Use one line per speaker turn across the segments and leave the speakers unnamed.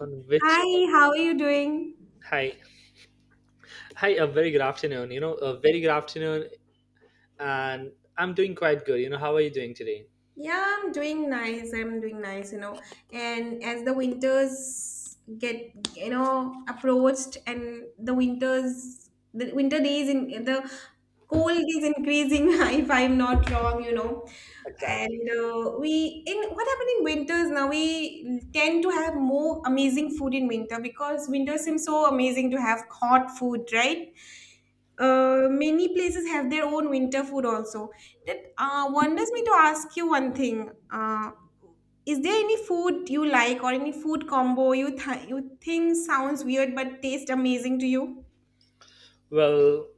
On which.
Hi, how are you doing?
Hi, hi. A very good afternoon, you know, a very good afternoon. And I'm doing quite good, you know. How are you doing today?
Yeah, I'm doing nice. I'm doing nice. And as the winters get, approached, and the winter days in the cold is increasing, if I'm not wrong.
Exactly.
And in what happened in winters now, we tend to have more amazing food in winter because winter seems so amazing to have hot food, right? Many places have their own winter food also. That wonders me to ask you one thing. Is there any food you like or any food combo you think sounds weird but taste amazing to you?
Well,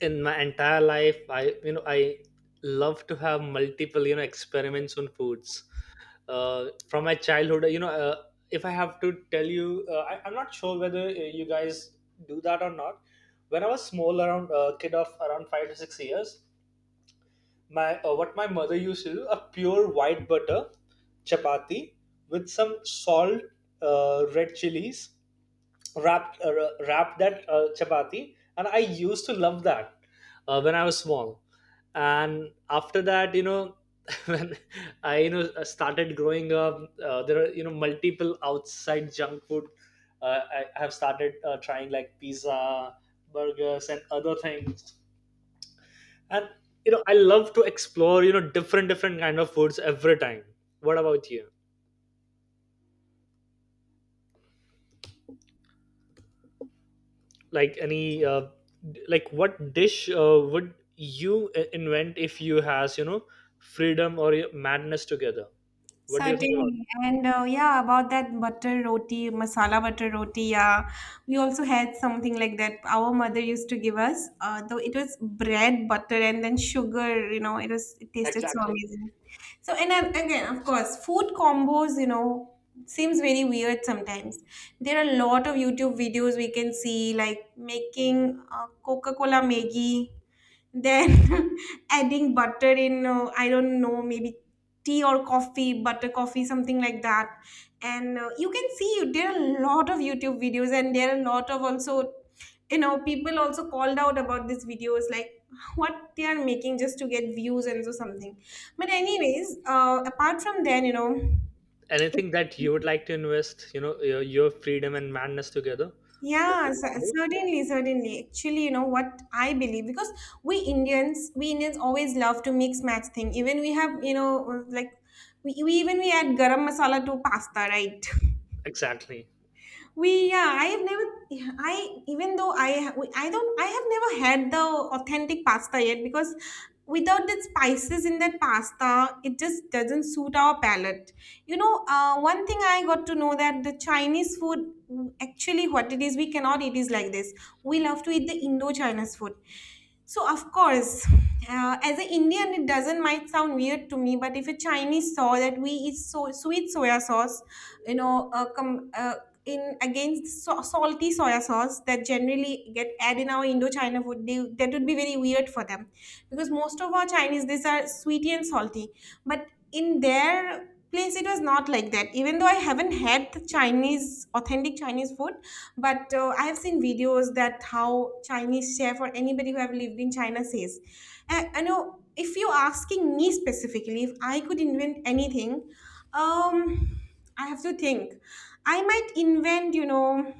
in my entire life, I you know I love to have multiple experiments on foods from my childhood, if I have to tell you, I'm not sure whether, you guys do that or not. When I was small, around a kid of around 5 to 6 years, my what my mother used to do, a pure white butter chapati with some salt, red chilies, wrap uh, wrap that, chapati, and I used to love that when I was small. And after that, you know, when I, started growing up, there are, you know, multiple outside junk food. I have started trying like pizza, burgers, and other things. And, you know, I love to explore, you know, different different kind of foods every time. What about you? Like any, like what dish would you invent if you has, you know, freedom or madness together? What do you think about
Certainly. And yeah, about that butter roti, masala butter roti, yeah. We also had something like that. Our mother used to give us, though it was bread, butter, and then sugar, it
it?
tasted so
Exactly.
amazing. So, and then again, of course, food combos, seems very weird sometimes. There are a lot of YouTube videos we can see, like making Coca-Cola Maggi, then adding butter in I don't know, maybe tea or coffee, butter coffee, something like that. And you can see there are a lot of YouTube videos, and there are a lot of also people also called out about these videos, like, what they are making just to get views and so something. But anyways, apart from then.
Anything that you would like to invest, you know, your freedom and madness together with the
Yeah,
combo?
certainly, certainly. Actually, you know what I believe, because we Indians always love to mix match thing. Even we have, like, we add garam masala to pasta, right?
Exactly.
we Yeah, I have never I even though I ha- I have never had the authentic pasta yet, because without the spices in that pasta, it just doesn't suit our palate. One thing I got to know, that the Chinese food, actually, what it is we cannot eat is like this. We love to eat the Indo-Chinese food. So, of course, as an Indian it doesn't might sound weird to me, but if a Chinese saw that we eat so sweet soya sauce, you know, uh, com- uh, in against salty soya sauce that generally get added in our Indochina food, that would be very weird for them, because most of our Chinese dishes are sweety and salty. But in their place, it was not like that. Even though I haven't had the Chinese, authentic Chinese food, but I have seen videos that how Chinese chef or anybody who have lived in China says. And I know, if you're asking me specifically if I could invent anything, um I have to think. I might invent.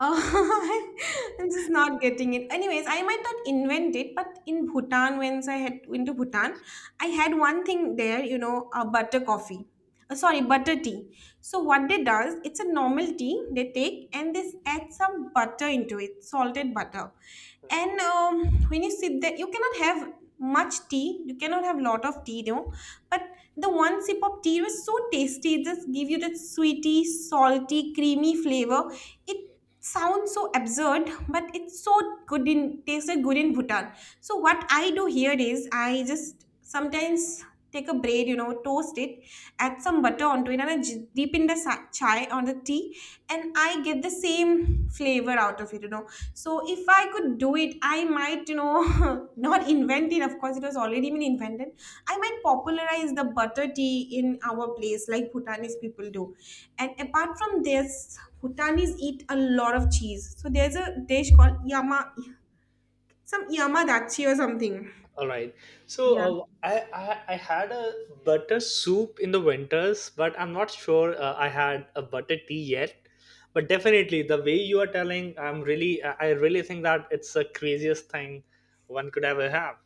Oh, I'm just not getting it. Anyways, I might not invent it, but in Bhutan, once I had went to Bhutan, I had one thing there, a butter coffee. Sorry, butter tea. So what they does, it's a normal tea they take and they add some butter into it, salted butter. And when you sit there, you cannot have much tea. You cannot have lot of tea, though. But the one sip of tea was so tasty. It just give you that sweety, salty, creamy flavor. It sounds so absurd, but it's so good in tasted good in Bhutan. So what I do here is I just sometimes take a bread, toast it, add some butter onto it, and I dip in the chai or the tea, and I get the same flavor out of it. So if I could do it, I might not invent it, of course. It was already been invented. I might popularize the butter tea in our place like Bhutanese people do. And apart from this, Bhutanese eat a lot of cheese. So there's a dish called yama, some yamadachi or something.
All right. So
Yeah.
I had a butter soup in the winters, but I'm not sure I had a butter tea yet. But definitely, the way you are telling, I really think that it's the craziest thing one could ever have.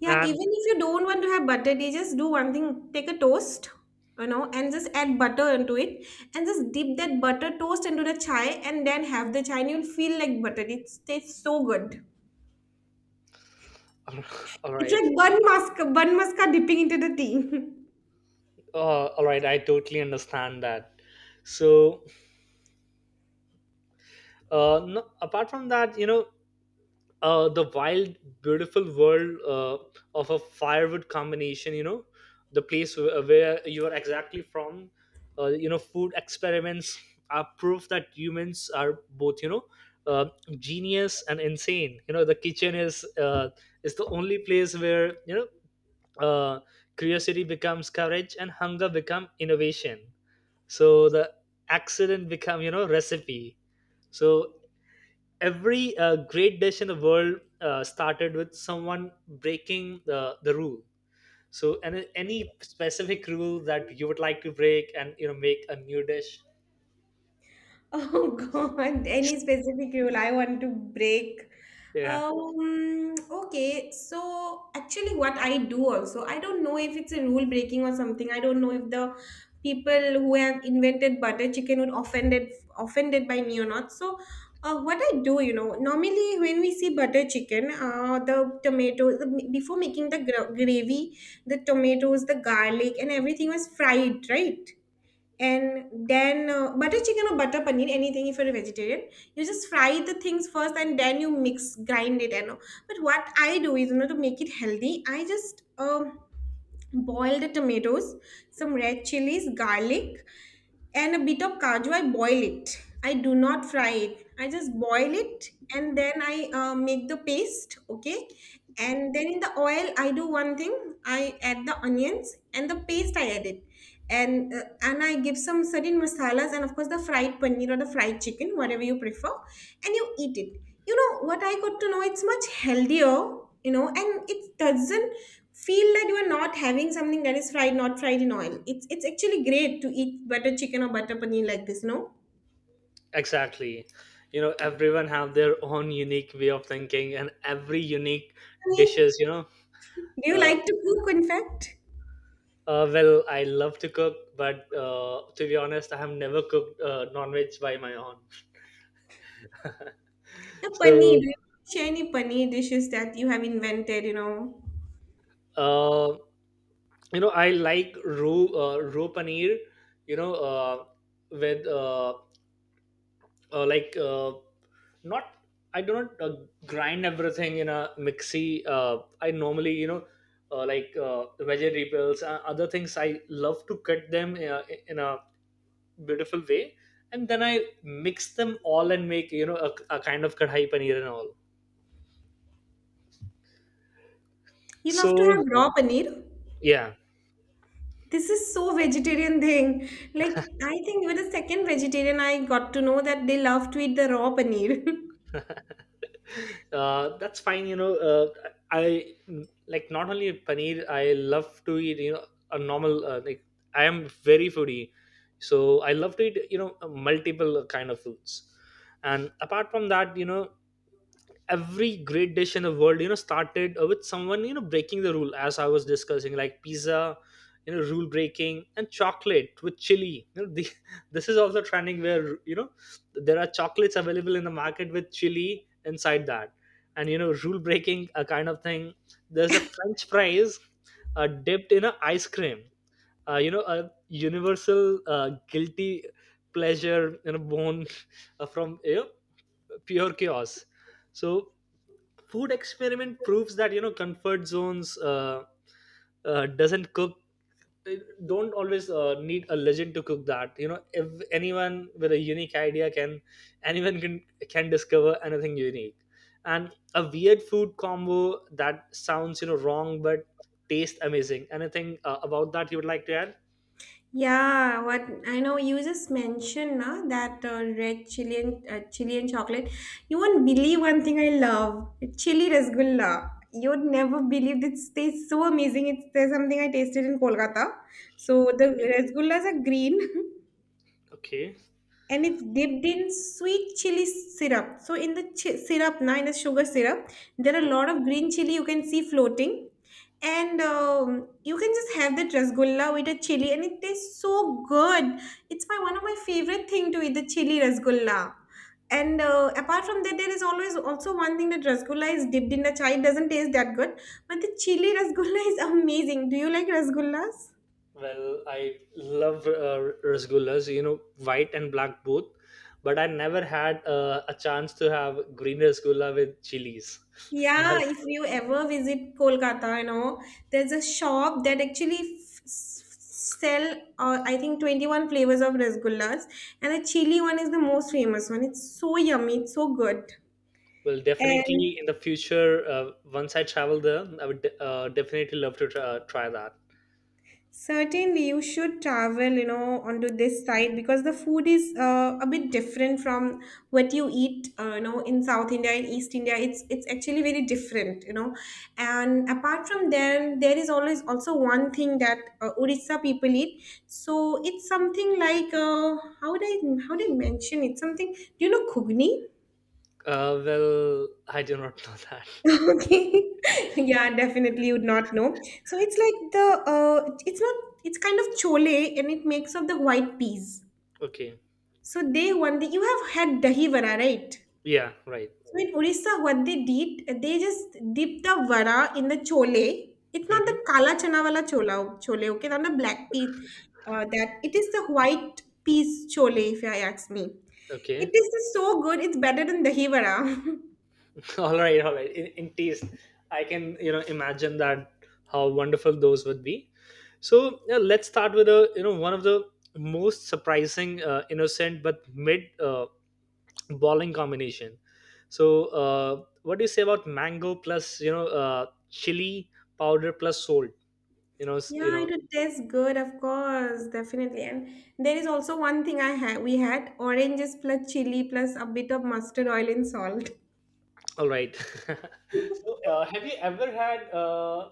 Yeah, even
And
if you don't want to have butter, they just do one thing, take a toast, and just add butter into it, and just dip that butter toast into the chai and then have the chai, and you'll feel like butter. It tastes so good.
all
It's
right,
like bun maska dipping into the tea.
all right, I totally understand that. So no, apart from that, you know, the wild, beautiful world of a firewood combination. You know, the place where you are exactly from. You know, food experiments are proof that humans are both, you know, uh, genius and insane. You know, the kitchen is the only place where you know, curiosity becomes courage and hunger become innovation. So the accident become, you know, recipe. So every great dish in the world started with someone breaking the rule. So any specific rule that you would like to break and, you know, make a new dish?
Oh, God, any specific rule I want to break?
Yeah,
Okay, so actually, what I do also, I don't know if it's a rule breaking or something. I don't know if the people who have invented butter chicken would offended by me or not. So, what I do, normally when we see butter chicken, the tomatoes, before making the gravy, the tomatoes, the garlic, and everything was fried, right? And then, butter chicken or butter paneer, anything if you're a vegetarian, you just fry the things first, and then you mix grind it and all. But what I do is, to make it healthy, I just boil the tomatoes, some red chilies, garlic, and a bit of kaju. I boil it. I do not fry it, I just boil it. And then I make the paste. Okay. And then in the oil I do one thing, I add the onions, and the paste I add it. And I give some certain masalas, and of course the fried paneer or the fried chicken, whatever you prefer, and you eat it. You know what I got to know? It's much healthier, and it doesn't feel that you are not having something that is fried, not fried in oil. It's actually great to eat butter chicken or butter paneer like this, no?
exactly. You know, everyone have their own unique way of thinking and every unique
Paneer.
dishes, you know.
Do you
uh,
like to cook? In fact,
well, I love to cook, but to be honest, I have never cooked non-veg by my own.
now, paneer. Do
So
you share any paneer dishes that you have invented?
uh, you know, I like roe paneer, you know, with like not I don't grind everything in a mixie. I normally, you know, uh, like uh, vegetables and other things I love to cut them in a beautiful way, and then I mix them all and make, you know, a kind of kadhai paneer and all.
You love to
So
have raw paneer.
yeah.
This is so vegetarian thing. Like, I think with the second vegetarian I got to know that they love to eat the raw paneer.
That's fine. You know, I like not only paneer. I love to eat, you know, a normal like I am very foodie, so I love to eat, you know, multiple kind of foods. And apart from that, you know, every great dish in the world, you know, started with someone, you know, breaking the rule, as I was discussing. Like pizza, you know, rule breaking, and chocolate with chili, you know, the, this is also trending, where, you know, there are chocolates available in the market with chili inside that, and, you know, rule breaking, a kind of thing. There's a french fries dipped in a ice cream, you know, a universal guilty pleasure, you know, born from, you know, pure chaos. So food experiment proves that, you know, comfort zones doesn't cook don't always need a legend to cook, that, you know, if anyone with a unique idea can anyone can discover anything unique. And a weird food combo that sounds, you know, wrong but tastes amazing, anything about that you would like to add?
Yeah, what I know, you just mentioned na, that red chili and chili and chocolate. You won't believe one thing I love. Chili rasgulla. You'd never believe it tastes so amazing. It's there's something I tasted in Kolkata. So the
Okay,
rasgullas are green
okay.
and it's dipped in sweet chili syrup. So in the sugar syrup, there are a lot of green chili you can see floating, and you can just have that rasgulla with a chili, and it tastes so good. It's my one of my favorite thing to eat the chili rasgulla. And apart from that, there is always also one thing that rasgulla is dipped in the chai. It doesn't taste that good, but the chili rasgulla is amazing. Do you like rasgullas?
Well, I love rasgullas, you know, white and black both, but I never had a chance to have green rasgulla with chilies.
Yeah,
Well,
if you ever visit Kolkata, there's a shop that actually sell, I think, 21 flavors of rasgullas, and the chili one is the most famous one. It's so yummy, it's so good.
well,
And
definitely in the future, once I travel there, I would definitely love to try, try that.
certainly, you should travel, onto this side because the food is a bit different from what you eat, in South India and East India. It's actually very different. And apart from then, there is always also one thing that Odisha people eat. So it's something like how do I mention it? Something, do you know, Kugni?
Well, I do not know that.
Okay. Yeah, definitely you would not know. So it's like the it's not, it's kind of chole, and it makes of the white peas.
Okay.
So they, one day you have had dahi vada, right?
Yeah, right.
So in Orissa, what they did, they just dip the vada in the chole. It's not the
Hmm.
kala chana wala chola, chole, okay? Not the black pea, that it is the white peas chole, if I ask me. It
Okay.
is so good. It's better than dahi vada.
All right, in taste I can, you know, imagine that how wonderful those would be. So yeah, let's start with a, you know, one of the most surprising, innocent but mid, uh, balling combination. So what do you say about mango plus, you know, chili powder plus salt, you know, you
Yeah,
know.
it would taste good, of course, definitely. And there is also one thing I had. We had oranges plus chili plus a bit of mustard oil and salt.
All right. So have you ever had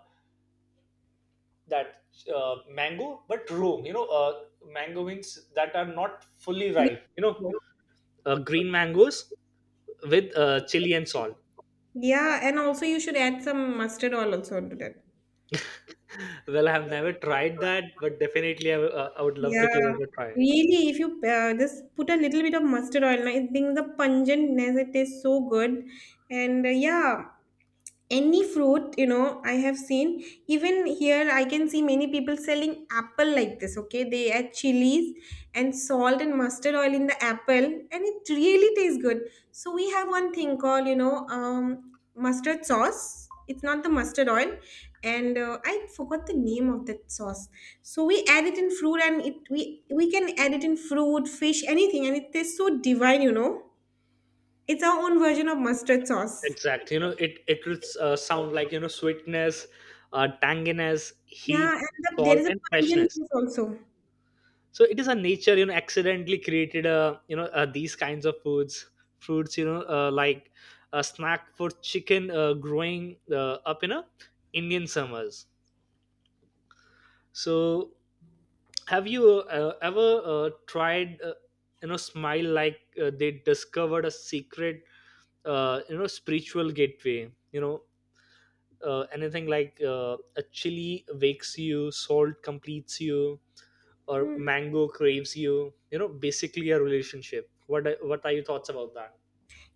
that, mango but raw, you know, mango means that are not fully
Great.
ripe, you know, green mangoes with chili and salt.
Yeah, and also you should add some mustard oil also onto that.
Well, I have never tried that, but definitely I would love to give
Yeah,
it a try.
really. If you just put a little bit of mustard oil, I think the pungentness, it tastes so good. And yeah, any fruit, I have seen, even here I can see many people selling apple like this, okay, they add chilies and salt and mustard oil in the apple, and it really tastes good. So we have one thing called, mustard sauce. It's not the mustard oil, and I forgot the name of that sauce. So we add it in fruit, and it we can add it in fruit, fish, anything, and it tastes so divine. It's our own version of mustard sauce.
Exactly, you know, it would sound like, you know, sweetness, tanginess,
Yeah,
heat,
and there
salt,
is a
and
pungent
freshness.
juice also.
So it is a nature, you know, accidentally created you know, these kinds of foods, fruits, you know, like a snack for chicken growing up in a Indian summers. So have you ever tried you know, smile like they discovered a secret you know, spiritual gateway, you know, anything like a chili wakes you, salt completes you, or
Hmm.
mango craves you, you know, basically a relationship. What are your thoughts about that?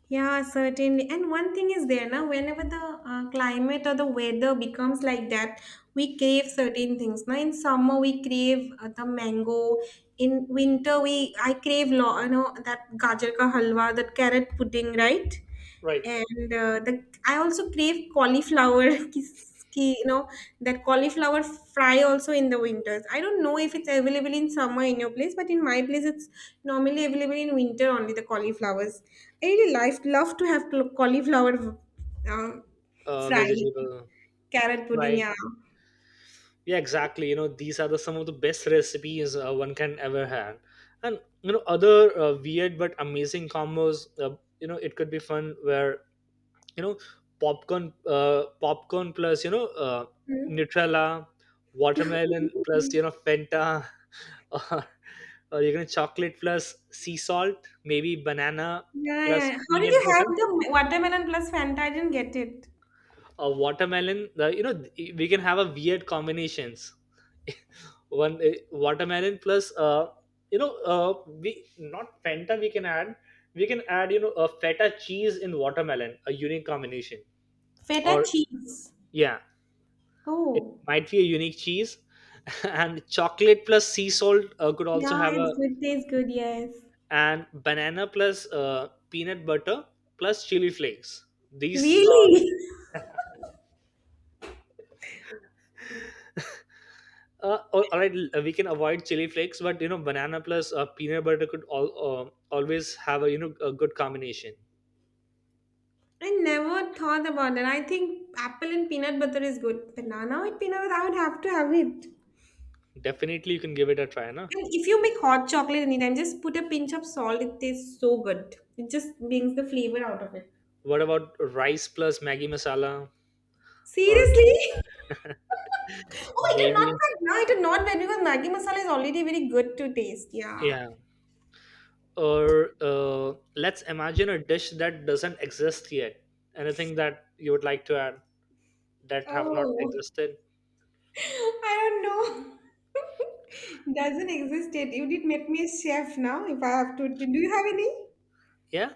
Yeah, certainly. And one thing is there now, whenever the climate or the weather becomes like that, we crave certain things. Now, in summer, we crave the mango. In winter, we I crave that gajar ka halwa, that carrot pudding, right?
Right.
And the I also crave cauliflower, kis- you know, that cauliflower fry also in the winters. I don't know if it's available in summer in your place, but in my place it's normally available in winter only, the cauliflowers. I really love to have cauliflower, um, fry.
Vegetable.
Carrot pudding,
Right.
yeah.
Yeah, exactly, you know, these are the some of the best recipes one can ever have. And, you know, other weird but amazing combos, you know, it could be fun. Where, you know, popcorn plus, you know,
Hmm.
nutella, watermelon plus, you know, Fanta, or, or, you know, chocolate plus sea salt, maybe banana
Yeah, yeah,
plus
yeah. How did
peanut
you have
butter,
the watermelon plus Fanta? I didn't get it.
or watermelon, the, you know, we can have a weird combinations. One watermelon plus you know we not fanta, we can add, we can add, you know, a feta cheese in watermelon, a unique combination.
Feta
Or
cheese.
yeah, it
Oh,
might be a unique cheese. And chocolate plus sea salt could also
yeah,
have
it's
a,
good. Tastes good, yes.
and banana plus peanut butter plus chili flakes. These
Really?
All right, we can avoid chili flakes, but, you know, banana plus peanut butter could all, always have a, you know, a good combination.
I never thought about it. I think apple and peanut butter is good. Banana with peanut butter, I would have to have it.
Definitely, you can give it a try, na?
And if you make hot chocolate anytime, just put a pinch of salt. It tastes so good. It just brings the flavor out of it.
What about rice plus Maggi masala? Or
Seriously? Oh, I did not
maybe,
buy. No, I did not buy because Maggi masala is already very good to taste. Yeah.
yeah. Or let's imagine a dish that doesn't exist yet. Anything that you would like to add that have not
Oh,
existed?
I don't know. Doesn't exist yet. You did make me a chef now. If I have to, do you have any?
Yeah.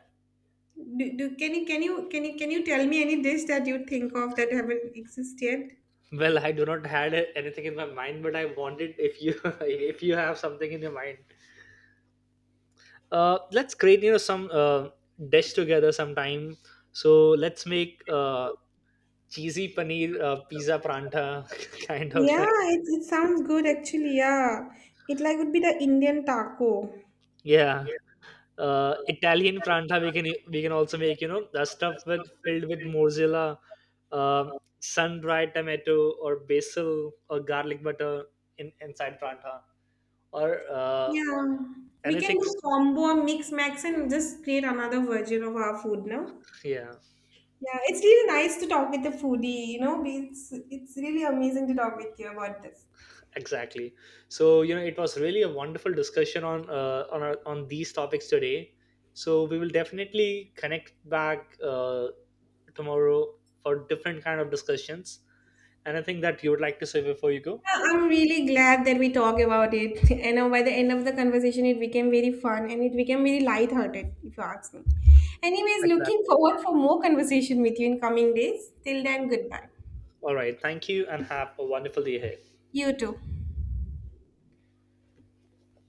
Do, do can you can you can you can you tell me any dish that you think of that haven't exist yet?
Well, I do not had anything in my mind, but I wanted if you if you have something in your mind. Let's create, you know, some dish together sometime. So let's make cheesy paneer pizza pranta kind of
Yeah,
thing.
it sounds good, actually. Yeah, it like would be the Indian taco.
Yeah. Italian pranta we can, we can also make, you know, the stuff with filled with mozzarella, uh, sun dried tomato or basil or garlic butter in inside pranta, or uh,
Yeah, we can
anything.
do combo mix max and just create another version of our food now.
Yeah,
Yeah, it's really nice to talk with the foodie. It's it's really amazing to talk with you about this.
exactly. So, you know, it was really a wonderful discussion on our, on these topics today. So we will definitely connect back tomorrow for different kind of discussions. Anything that you would like to say before you go?
Yeah, I'm really glad that we talk about it. And by the end of the conversation, it became very fun and it became very light-hearted, if you ask me. Anyways, looking
Exactly.
forward for more conversation with you in coming days. Till then, goodbye.
All right. Thank you and have a wonderful day ahead.
You too.